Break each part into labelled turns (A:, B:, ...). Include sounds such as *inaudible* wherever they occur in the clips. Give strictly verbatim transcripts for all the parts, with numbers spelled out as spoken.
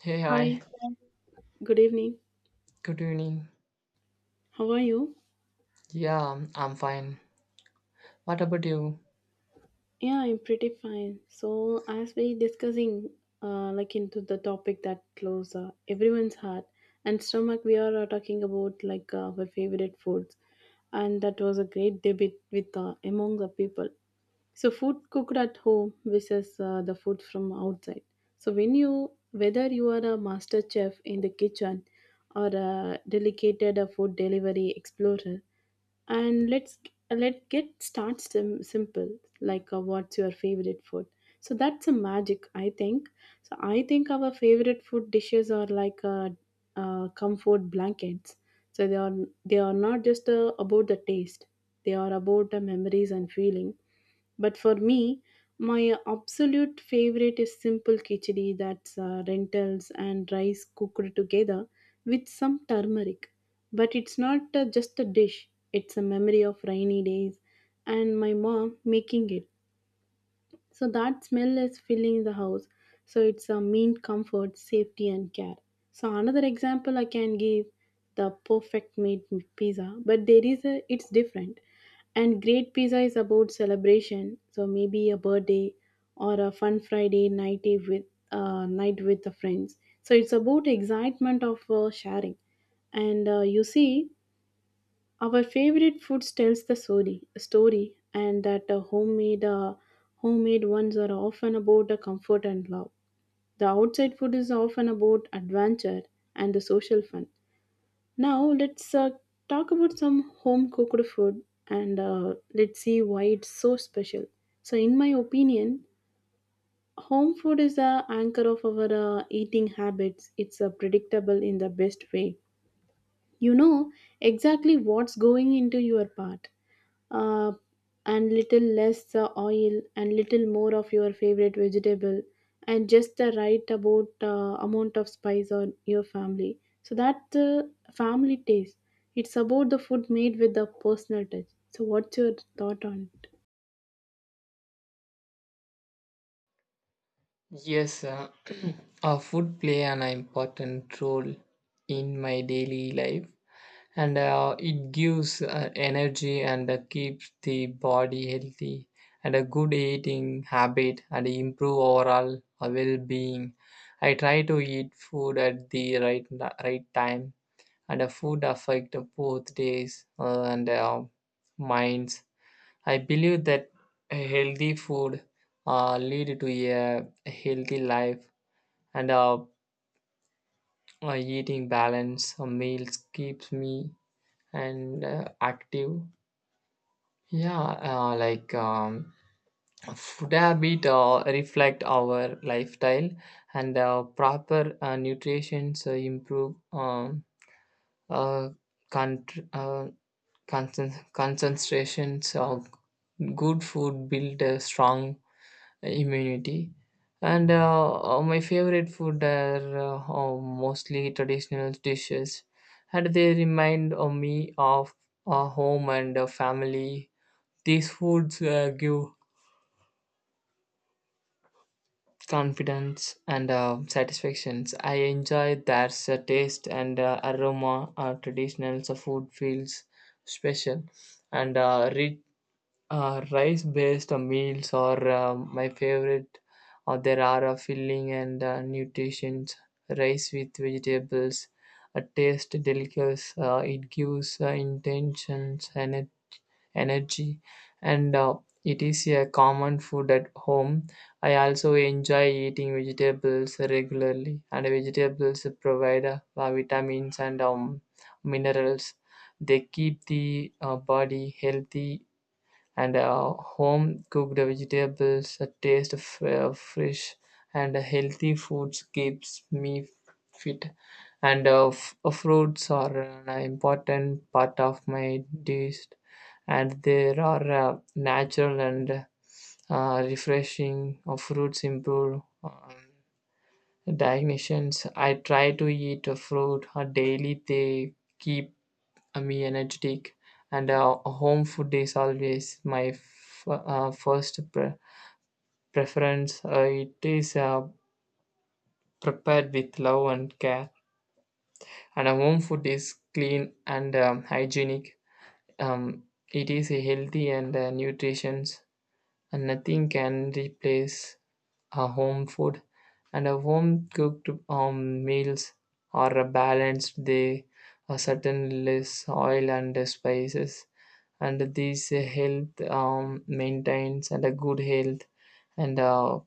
A: Hey, hi.
B: Hi, good evening.
A: Good evening.
B: How are you?
A: Yeah, I'm fine. What about you?
B: Yeah, I'm pretty fine. So, as we discussing uh, like into the topic that close uh, everyone's heart and stomach, we are uh, talking about like uh, our favorite foods, and that was a great debate with uh, among the people. So, food cooked at home versus uh, the food from outside. So, when you whether you are a master chef in the kitchen or a dedicated uh, food delivery explorer and let's let get start sim- simple, like uh, what's your favorite food? So that's a magic, I think. So I think our favorite food dishes are like uh, uh, comfort blankets. So they are they are not just uh, about the taste, they are about the memories and feeling. But for me, my absolute favorite is simple khichdi, that's uh, lentils and rice cooked together with some turmeric. But it's not uh, just a dish, it's a memory of rainy days and my mom making it. So that smell is filling the house. So it's a mean comfort, safety, and care. So another example I can give, the perfect made pizza, but there is a it's different. And great pizza is about celebration. So maybe a birthday or a fun Friday night with uh, night with the friends. So it's about excitement of uh, sharing, and uh, you see our favorite foods tells the story, story and that uh, homemade uh, homemade ones are often about the comfort and love. The outside food is often about adventure and the social fun. Now let's uh, talk about some home cooked food and uh, let's see why it's so special. So in my opinion, home food is the anchor of our uh, eating habits. It's uh, predictable in the best way. You know exactly what's going into your part, uh, and little less uh, oil and little more of your favorite vegetable and just the right about uh, amount of spice on your family, so that the family taste, it's about the food made with the personal touch. So what's your thought on it?
A: Yes, uh, *clears throat* uh, food play an important role in my daily life, and uh, it gives uh, energy and uh, keeps the body healthy. And a good eating habit and improve overall uh, well-being. I try to eat food at the right right time, and uh, food affect both days uh, and uh, minds. I believe that a healthy food uh, lead to a healthy life and uh, uh, eating balance uh, meals keeps me and uh, active. Yeah, uh, like um, food habit uh, reflect our lifestyle and uh, proper uh, nutrition so improve um, uh, con- uh, concent- concentrations of good food build a strong immunity. And uh, uh, My favorite food are uh, uh, mostly traditional dishes, and they remind uh, me of uh, home and uh, family. These foods uh, give confidence and uh, satisfactions. I enjoy their uh, taste and uh, aroma. Uh, traditional uh, food feels special and uh, rich. Uh, rice based meals are uh, my favorite. Uh, there are a filling and uh, nutritions. Rice with vegetables, a taste delicious. Uh, it gives uh, intentions and it- energy, and uh, it is a common food at home. I also enjoy eating vegetables regularly, and vegetables provide uh, vitamins and um, minerals. They keep the uh, body healthy, and uh, home cooked vegetables a taste of uh, fresh and healthy foods keeps me fit, and uh, f- uh, fruits are an important part of my diet, and they are uh, natural and uh, refreshing. Uh, fruits improve um, digestions. I try to eat a fruit uh, daily. They keep uh, me energetic, and uh, home food is always my f- uh, first pre- preference. Uh, it is uh, prepared with love and care, and uh, home food is clean and um, hygienic. Um, it is healthy and uh, nutritious, and nothing can replace a home food, and a home cooked um, meals are a balanced. They are certain less oil and spices, and these health um, maintains and a good health. And uh,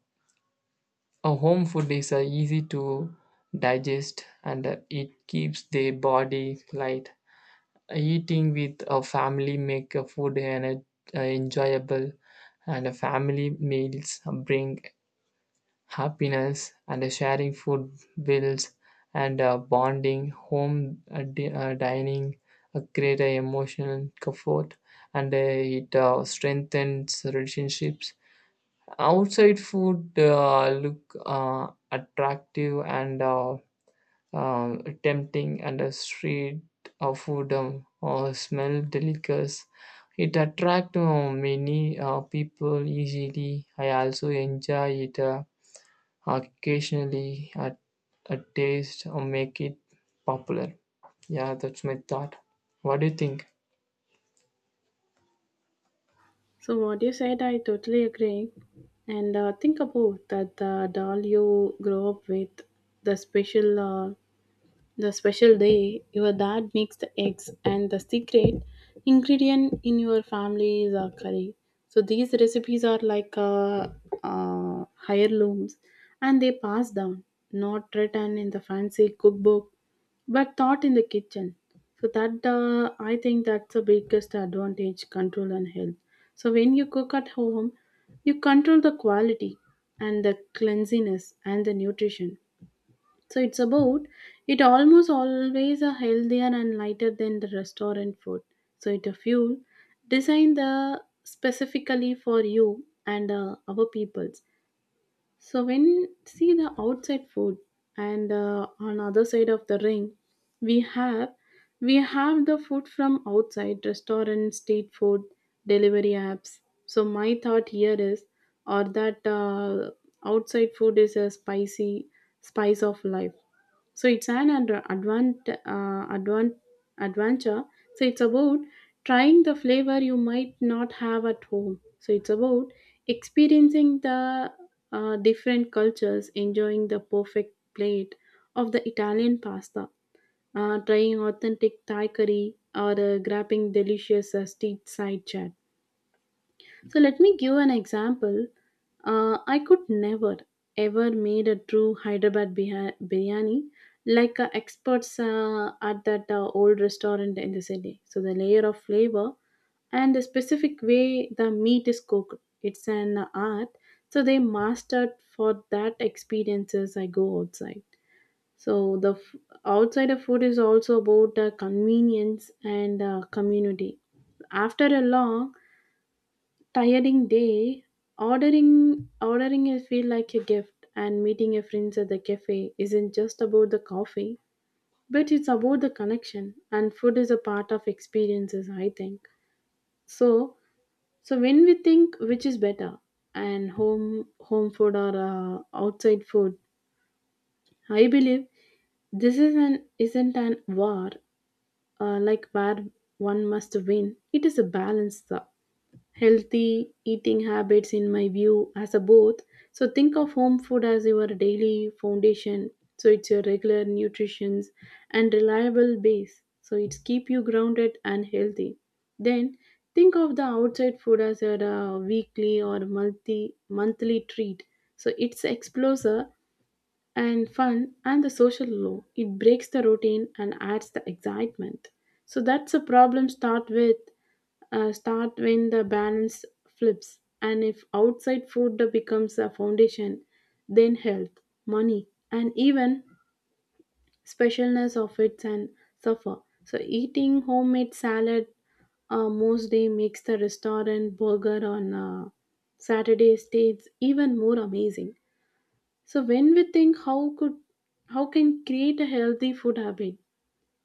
A: a home food is uh, easy to digest, and uh, it keeps the body light. Eating with a family make a food and uh, enjoyable, and a family meals bring happiness, and sharing food bills and uh, bonding. Home uh, di- uh, dining uh, create a emotional comfort, and uh, it uh, strengthens relationships. Outside food uh, look uh, attractive and uh, um, tempting, and a street of food um, or smell delicious. It attract uh, many uh, people easily. I also enjoy it uh, occasionally. A, a taste or make it popular. Yeah, that's my thought. What do you think?
B: So what you said, I totally agree. And uh, think about that the doll you grow up with, the special uh, The special day your dad makes the eggs, and the secret ingredient in your family is a curry. So these recipes are like uh, uh, heirlooms, and they pass down, not written in the fancy cookbook, but taught in the kitchen. So that uh, I think that's the biggest advantage: control and health. So when you cook at home, you control the quality and the cleanliness and the nutrition. So it's about, it almost always are healthier and lighter than the restaurant food. So it a fuel designed the specifically for you and uh, our peoples. So when see the outside food and uh, on other side of the ring, we have we have the food from outside restaurant, street food, delivery apps. So my thought here is, or that uh, outside food is a spicy spice of life. So it's an ad- advant, uh, advant, adventure. So it's about trying the flavor you might not have at home. So it's about experiencing the uh, different cultures, enjoying the perfect plate of the Italian pasta, uh, trying authentic Thai curry or uh, grabbing delicious uh, street side chat. So let me give an example. Uh, I could never ever made a true Hyderabad biha- biryani like uh, experts uh, at that uh, old restaurant in the city. So the layer of flavor and the specific way the meat is cooked, it's an art. So they mastered, for that experiences I go outside. So the f- outside of food is also about uh, convenience and uh, community. After a long tiring day, ordering ordering a feel like a gift, and meeting your friends at the cafe isn't just about the coffee, but it's about the connection, and food is a part of experiences, I think. So so when we think which is better, and home home food or uh, outside food, I believe this is an isn't an war, uh, like where one must win. It is a balance though. Healthy eating habits in my view as a both. So think of home food as your daily foundation. So it's your regular nutrition and reliable base, so it's keep you grounded and healthy. Then think of the outside food as your uh, weekly or multi monthly treat. So it's exposure and fun and the social low. It breaks the routine and adds the excitement. So that's a problem start with uh, start when the balance flips, and if outside food becomes a foundation, then health, money and even specialness of it and suffer. So eating homemade salad uh, most day makes the restaurant burger on uh, Saturday states even more amazing. So when we think how could how can create a healthy food habit,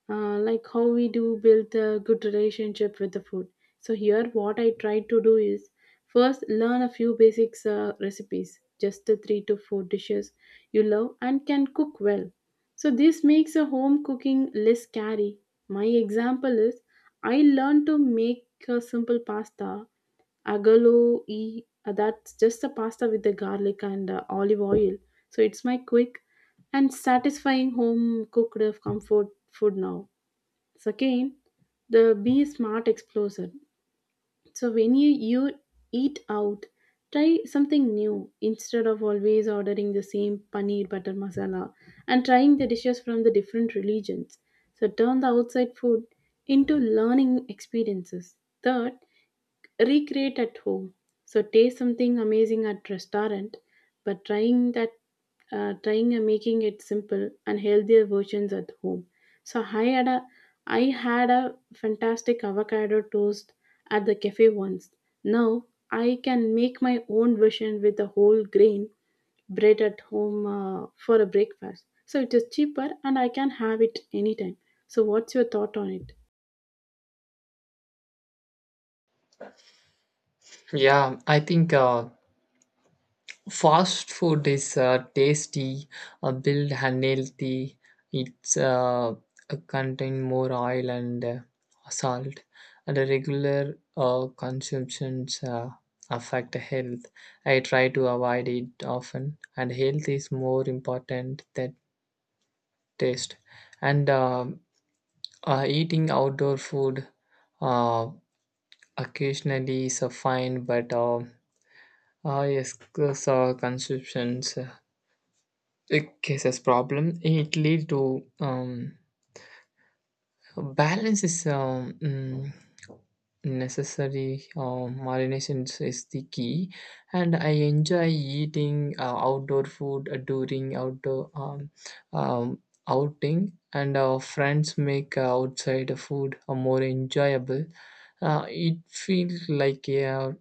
B: uh, like how we do build a good relationship with the food. So here, what I try to do is first learn a few basics uh, recipes, just the three to four dishes you love and can cook well. So this makes a home cooking less scary. My example is I learned to make a simple pasta agalo e, uh, that's just a pasta with the garlic and uh, olive oil. So it's my quick and satisfying home cooked of comfort food. Now second, the be smart explosion. So when you, you eat out, try something new instead of always ordering the same paneer butter masala, and trying the dishes from the different religions. So turn the outside food into learning experiences. Third, recreate at home. So taste something amazing at restaurant, but trying that uh, trying and making it simple and healthier versions at home. So I had a I had a fantastic avocado toast at the cafe once. Now I can make my own version with a whole grain bread at home uh, for a breakfast. So it is cheaper and I can have it anytime. So what's your thought on it?
A: Yeah, I think uh, fast food is uh, tasty, uh, built and healthy. It's uh, uh, contain more oil and uh, salt, and a regular uh, consumptions uh, affect health. I try to avoid it often, and health is more important than taste. And um Uh, eating outdoor food uh, occasionally is a fine, but uh, uh, yes, cause, uh, consumptions uh, it causes problem. It leads to um, balance is um, mm, necessary. Uh, marination is the key, and I enjoy eating uh, outdoor food uh, during outdoor um, um, outing, and our friends make uh, outside food uh, more enjoyable. Uh, it feels like a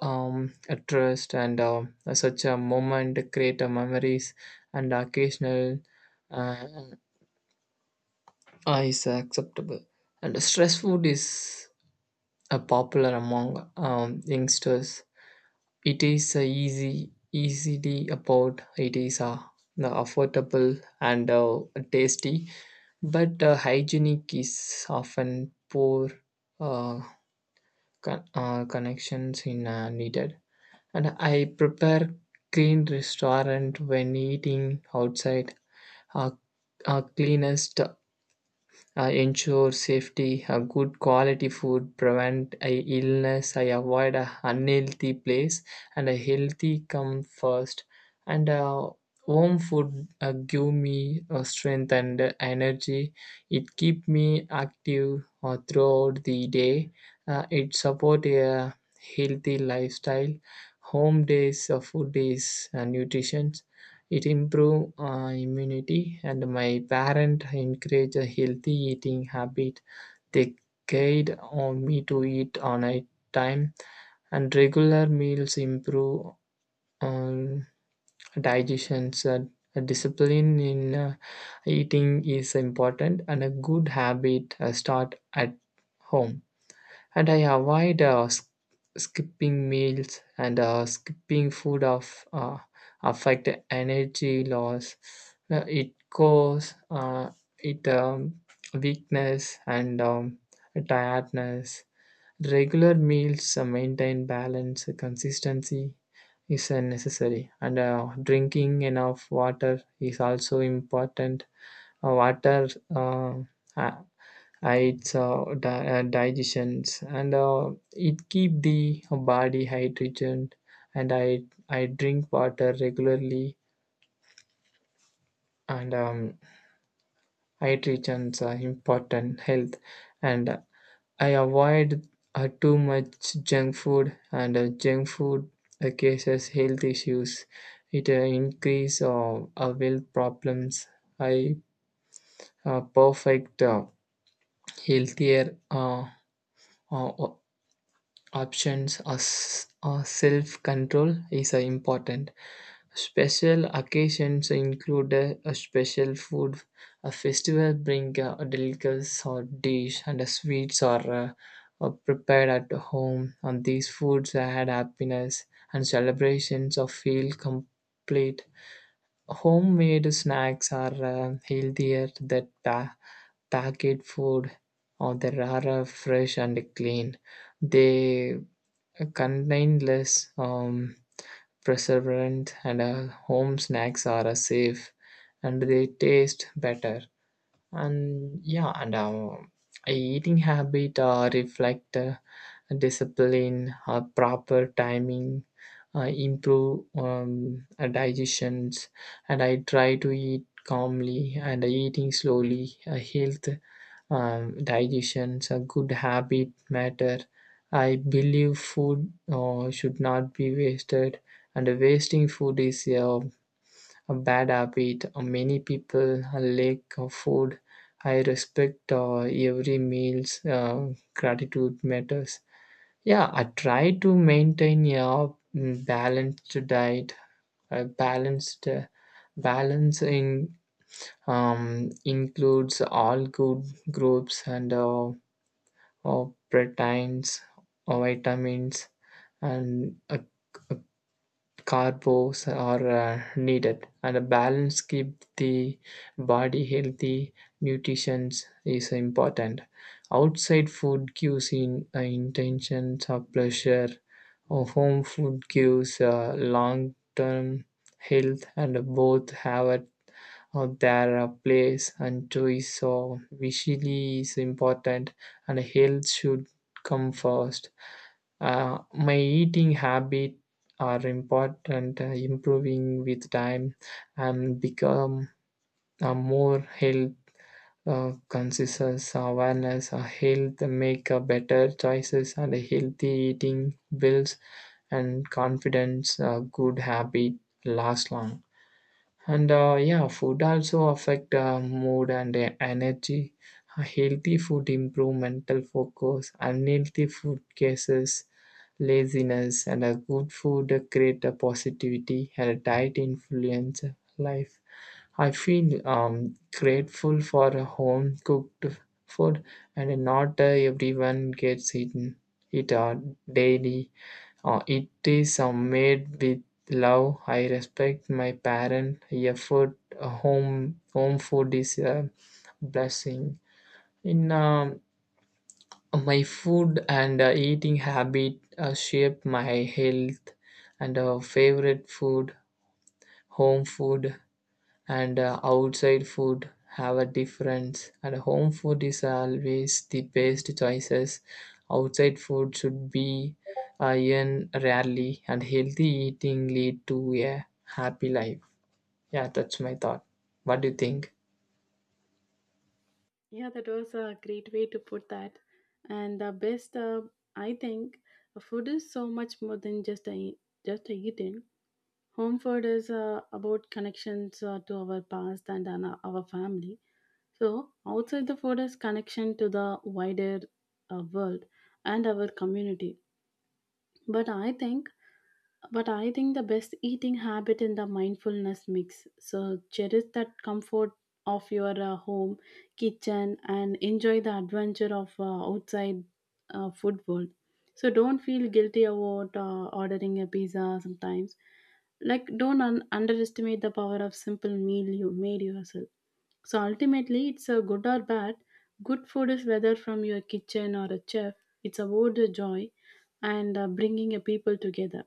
A: um, a trust, and uh, such a moment create a memories and occasional uh, uh, is acceptable. And stress food is uh, popular among um, youngsters. It is uh, easy, easily about. It is uh, the affordable and uh, tasty, but uh, hygienic is often poor. uh, con- uh, Connections in uh, needed. And I prepare clean restaurant when eating outside. Uh, uh, Cleanest, I ensure safety, a good quality food, prevent a illness. I avoid a unhealthy place, and a healthy come first. And uh, home food uh, give me uh, strength and uh, energy. It keep me active uh, throughout the day. Uh, it support a healthy lifestyle. Home days of food is uh, nutrition. It improve uh, immunity, and my parent encourage a healthy eating habit. They guide on me to eat on a time, and regular meals improve um, digestion. So a discipline in uh, eating is important, and a good habit uh, start at home. And I avoid uh, s- skipping meals, and uh, skipping food of uh, affect energy loss. Uh, it cause uh, it um, weakness and um, tiredness. Regular meals uh, maintain balance. Consistency is uh, necessary, and uh, drinking enough water is also important. Uh, water uh, uh, uh, its uh, di- uh, digestions, and uh, it keep the body hydrated, and i i drink water regularly, and um, hydrations are important health. And I avoid uh, too much junk food, and uh, junk food uh, causes health issues. It uh, increase uh, uh, health problems. I uh, perfect uh, healthier uh, uh, options, or s- or self-control is uh, important. Special occasions include uh, a special food. A festival bring uh, a delicacy or dish, and uh, sweets are, uh, are prepared at home, and these foods add happiness and celebrations of feel complete. Homemade snacks are uh, healthier than pa- packet food, or they are uh, fresh and clean. They a contained less um, preservant, and uh, home snacks are uh, safe, and they taste better. And yeah, and um, a eating habit uh, reflect uh, discipline uh, proper timing. I improve um, uh, digestions, and I try to eat calmly and eating slowly. A health um, digestions a good habit matter. I believe food uh, should not be wasted, and wasting food is a, a bad habit. Uh, Many people lack of food. I respect uh, every meal's uh, gratitude matters. Yeah, I try to maintain a mm, balanced diet. A balanced uh, balance in um, includes all good groups, and uh, uh, proteins, uh, vitamins, and uh, carbs are uh, needed, and a balance keep the body healthy. Nutrition is important. Outside food gives in uh, intentions of pleasure, or home food gives uh, long term health, and both have a uh, their uh, place and choice, so visually is important, and health should come first. Uh, my eating habits are important, uh, improving with time and become a more health uh, conscious awareness. Uh, health make a better choices, and a healthy eating builds and confidence. A good habit last long. And uh, yeah, food also affect uh, mood and uh, energy. Uh, Healthy food improve mental focus. Unhealthy food causes laziness, and a good food create a positivity. And a diet influence life. I feel um, grateful for a home cooked food, and not uh, everyone gets it, it uh, daily. Uh, it is uh, made with love. I respect my parent. Yeah, food, a home, home food is a blessing. In um My food and uh, eating habit uh, shape my health, and uh, favorite food, home food, and uh, outside food have a difference, and home food is always the best choices. Outside food should be eaten rarely, and healthy eating lead to a happy life. Yeah, that's my thought. What do you think?
B: Yeah, that was a great way to put that. And the best, uh, I think, uh, food is so much more than just a eat- just a eating. Home food is uh, about connections uh, to our past and our our family. So outside the food is connection to the wider uh, world and our community. But I think but I think the best eating habit in the mindfulness mix. So cherish that comfort of your uh, home kitchen and enjoy the adventure of uh, outside uh, food world. So don't feel guilty about uh, ordering a pizza sometimes. Like don't un- underestimate the power of simple meal you made yourself. So ultimately, it's a good or bad. Good food is whether from your kitchen or a chef. It's about the joy and uh, bringing a people together.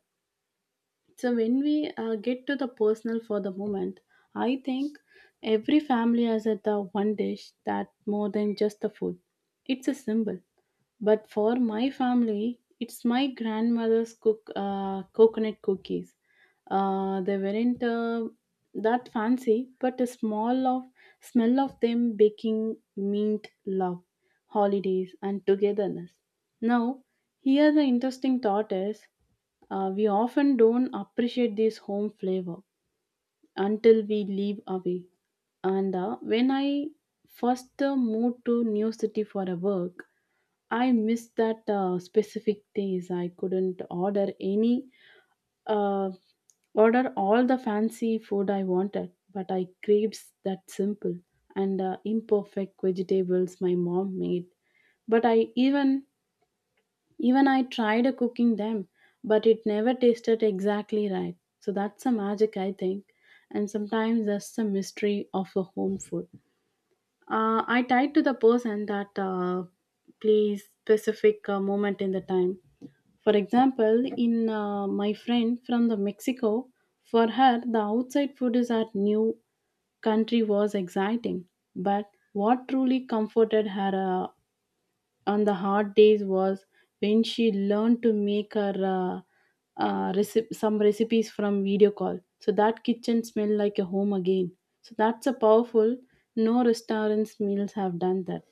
B: So when we uh, get to the personal for the moment, I think every family has a the one dish that more than just the food. It's a symbol. But for my family, it's my grandmother's cook uh, coconut cookies. Uh, they weren't uh, that fancy, but the small of smell of them baking meant love, holidays, and togetherness. Now, here the interesting thought is, uh, we often don't appreciate this home flavor until we leave away. And uh, when I first uh, moved to new city for a work, I missed that uh, specific days. I couldn't order any, uh, order all the fancy food I wanted, but I craved that simple and uh, imperfect vegetables my mom made. But I even Even I tried cooking them, but it never tasted exactly right. So that's the magic, I think, and sometimes that's the mystery of a home food. Uh, I tied to the person that uh, plays specific uh, moment in the time. For example, in uh, my friend from the Mexico, for her the outside food is at new country was exciting, but what truly comforted her uh, on the hard days was when she learned to make her uh, uh, recip- some recipes from video call. So that kitchen smelled like a home again. So that's a powerful. No restaurants meals have done that.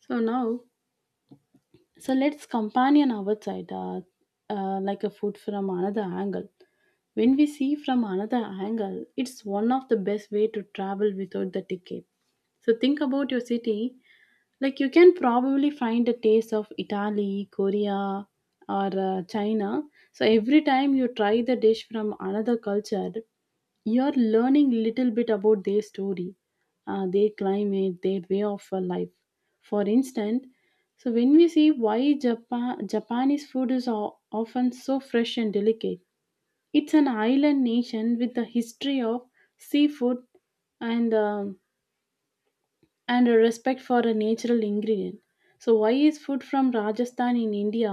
B: So now, so let's companion our side, uh, uh, like a food from another angle. When we see from another angle, it's one of the best way to travel without the ticket. So think about your city, like you can probably find a taste of Italy, Korea, or uh, China. So every time you try the dish from another culture, you're learning little bit about their story, uh, their climate, their way of uh, life. For instance, so when we see why Japan, Japanese food is o- often so fresh and delicate, it's an island nation with a history of seafood and um and a respect for a natural ingredient. So, why is food from Rajasthan in India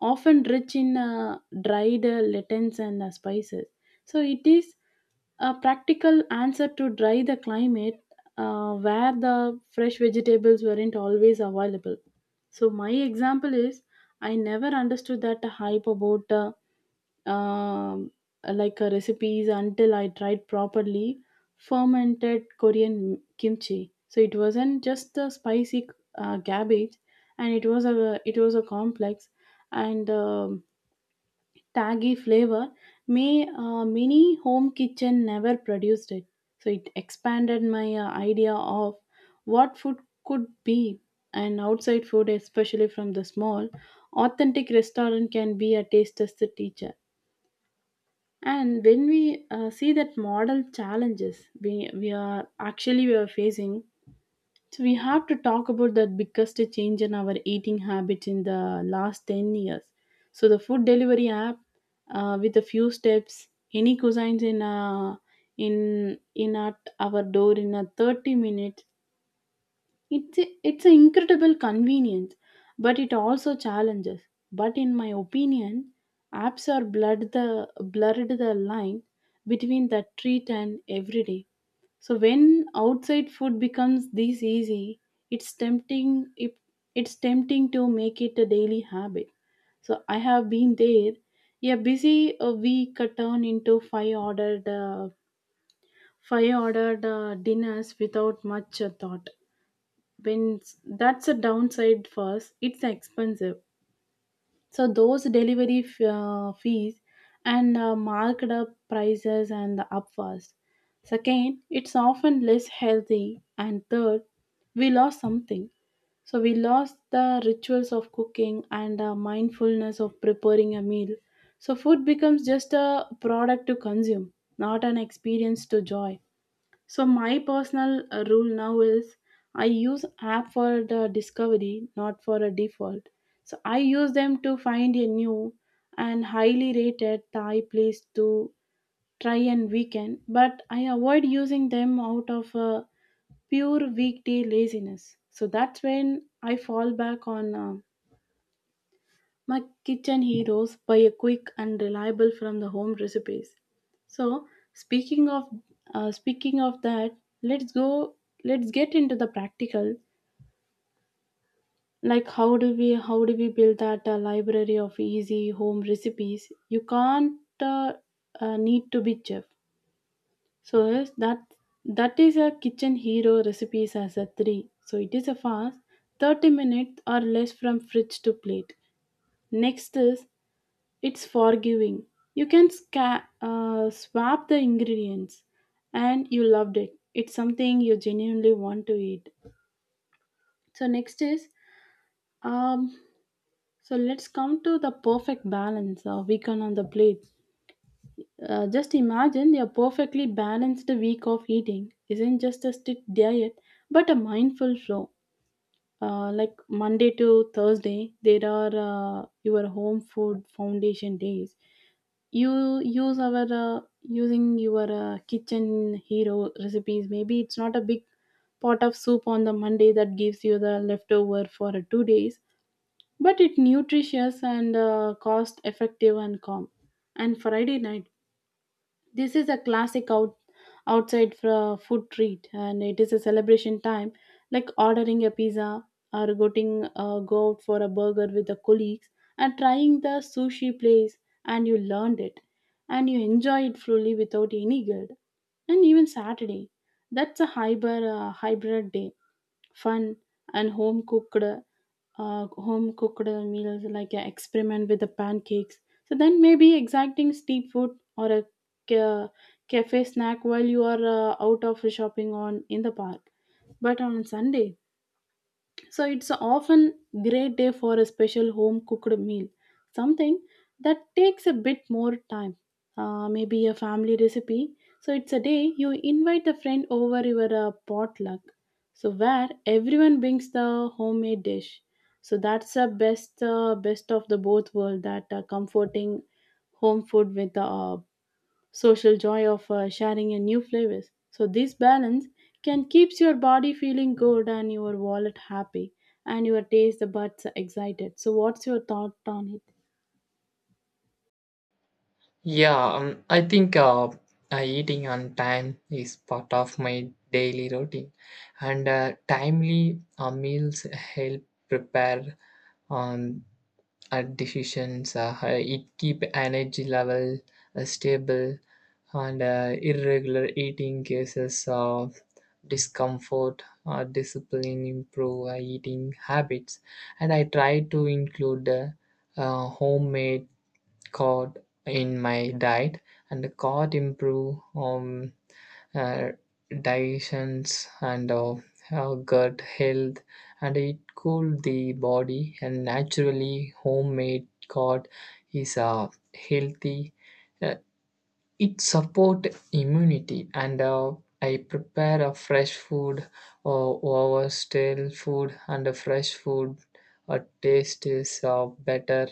B: often rich in uh, dried uh, lentils and uh, spices? So, it is a practical answer to dry the climate uh, where the fresh vegetables weren't always available. So, my example is I never understood that hype about. Uh, um, like uh, recipes until I tried properly fermented Korean kimchi. So it wasn't just the spicy uh, cabbage, and it was a it was a complex and um, taggy flavor. May uh, Mini home kitchen never produced it. So it expanded my uh, idea of what food could be, and outside food, especially from the small, authentic restaurant, can be a taster's teacher. And when we uh, see that model challenges we, we are actually we are facing, so we have to talk about the biggest change in our eating habits in the last ten years. So the food delivery app uh, with a few steps, any cuisines in uh, in in at our door in a thirty minutes it's a, it's an incredible convenience, but it also challenges. But in my opinion, apps are blurred the blurred the line between the treat and everyday. So when outside food becomes this easy, it's tempting it, it's tempting to make it a daily habit. So I have been there. A busy uh, week uh, turned into five ordered uh, five ordered uh, dinners without much uh, thought when s- that's a downside for us. It's expensive, so those delivery f- uh, fees and uh, marked up prices and the upfast. Second, it's often less healthy, and third, we lost something. So we lost the rituals of cooking and uh, mindfulness of preparing a meal. So food becomes just a product to consume, not an experience to joy. So my personal uh, rule now is I use app for the discovery, not for a default. So I use them to find a new and highly rated Thai place to try and weekend, but I avoid using them out of uh, pure weekday laziness. So that's when I fall back on uh, my kitchen heroes by a quick and reliable from the home recipes. So speaking of uh, speaking of that, let's go let's get into the practical, like how do we how do we build that uh, library of easy home recipes. You can't uh, uh, need to be chef. So yes, that that is a kitchen hero recipes as a three. So it is a fast thirty minutes or less from fridge to plate. Next is, it's forgiving. You can sca- uh, swap the ingredients, and you loved it. It's something you genuinely want to eat. So, next is um, so let's come to the perfect balance of weekend on the plate. Uh, just imagine your perfectly balanced week of eating isn't just a strict diet but a mindful flow. Uh, like Monday to Thursday, there are uh, your home food foundation days. You use our uh, using your uh, kitchen hero recipes. Maybe it's not a big pot of soup on the monday that gives you the leftover for uh, two days, but it nutritious and uh, cost effective and calm. And friday night, this is a classic out, outside for food treat, and it is a celebration time, like ordering a pizza or getting uh, go out for a burger with the colleagues and trying the sushi place, and you learned it, and you enjoy it fully without any guilt, and even Saturday. That's a hybrid uh, hybrid day, fun and home cooked uh, home cooked meals, like uh, experiment with the pancakes, so then maybe exacting steep food or a ca- cafe snack while you are uh, out of shopping on in the park. But on sunday, so it's often great day for a special home cooked meal, something that takes a bit more time, uh, maybe a family recipe. So it's a day you invite a friend over your uh, potluck, so where everyone brings the homemade dish. So that's the best uh, best of the both world, that uh, comforting home food with the uh, social joy of uh, sharing a new flavors. So this balance can keeps your body feeling good and your wallet happy and your taste the buds excited. So what's your thought on it?
A: Yeah, um, I think uh, uh, eating on time is part of my daily routine, and uh, timely uh, meals help prepare um, at decisions. Uh, it keep energy level uh, stable, and uh, irregular eating cases of discomfort or discipline improve uh, eating habits. And I try to include uh, uh, homemade cod in my diet, and the cod improve um, uh, digestions and uh, uh, gut health, and it cool the body. And naturally, homemade cod is uh, healthy. uh, it support immunity, and uh, I prepare a fresh food or over stale food, and a fresh food a taste is uh, better.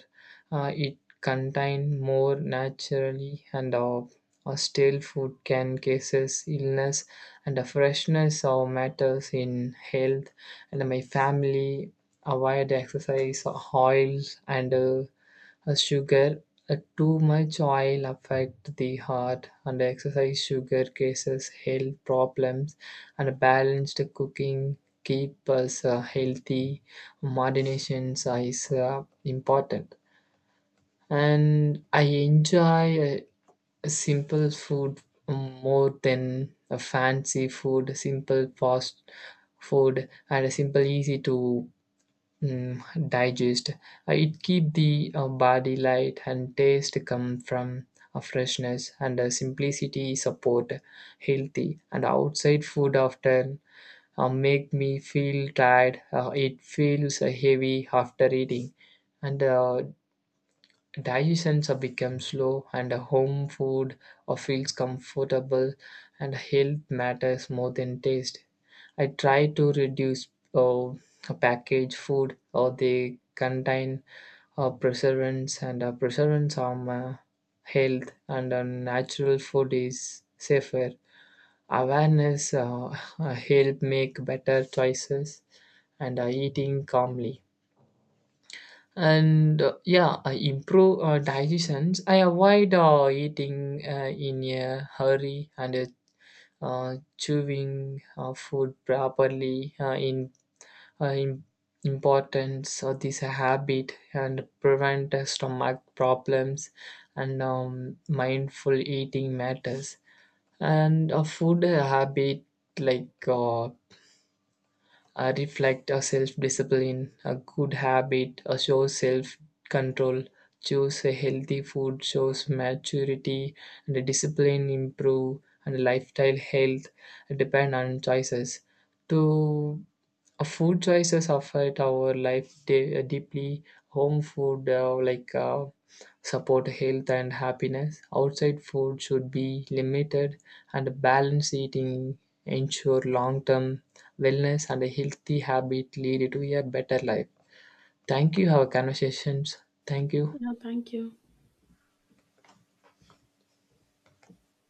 A: Uh, it contain more naturally, and uh, a stale food can cases illness, and a freshness uh, matters in health. And my family avoid exercise oils and uh, a sugar. Uh, too much oil affect the heart, and exercise sugar causes health problems, and a balanced cooking keep us uh, healthy. Moderation is uh, important. And I enjoy uh, simple food more than a fancy food. Simple fast food and a simple easy to mm, digest. Uh, it keep the uh, body light, and taste come from a freshness, and a simplicity support healthy. And outside food often uh, make me feel tired. Uh, it feels uh, heavy after eating, and uh, digestions are become slow, and uh, home food uh, feels comfortable, and health matters more than taste. I try to reduce uh, packaged food, or they contain uh, preservatives, and uh, preservatives harm uh, health, and uh, natural food is safer. Awareness uh, *laughs* help make better choices and uh, eating calmly. And uh, yeah, I improve uh, digestions. I avoid uh, eating uh, in a hurry, and uh, uh, chewing uh, food properly uh, in uh, im- importance of this habit and prevent uh, stomach problems, and um, mindful eating matters. And a food habit like uh, uh, reflect a self-discipline, a good habit, uh, shows self-control, choose a healthy food, shows maturity, and a discipline improve and the lifestyle health depend on choices. To uh, Food choices affect our life de- uh, deeply. Home food uh, like uh, support health and happiness. Outside food should be limited, and balanced eating ensure long-term wellness, and a healthy habit lead to a better life. Thank you, our conversations. Thank you.
B: Yeah, thank you.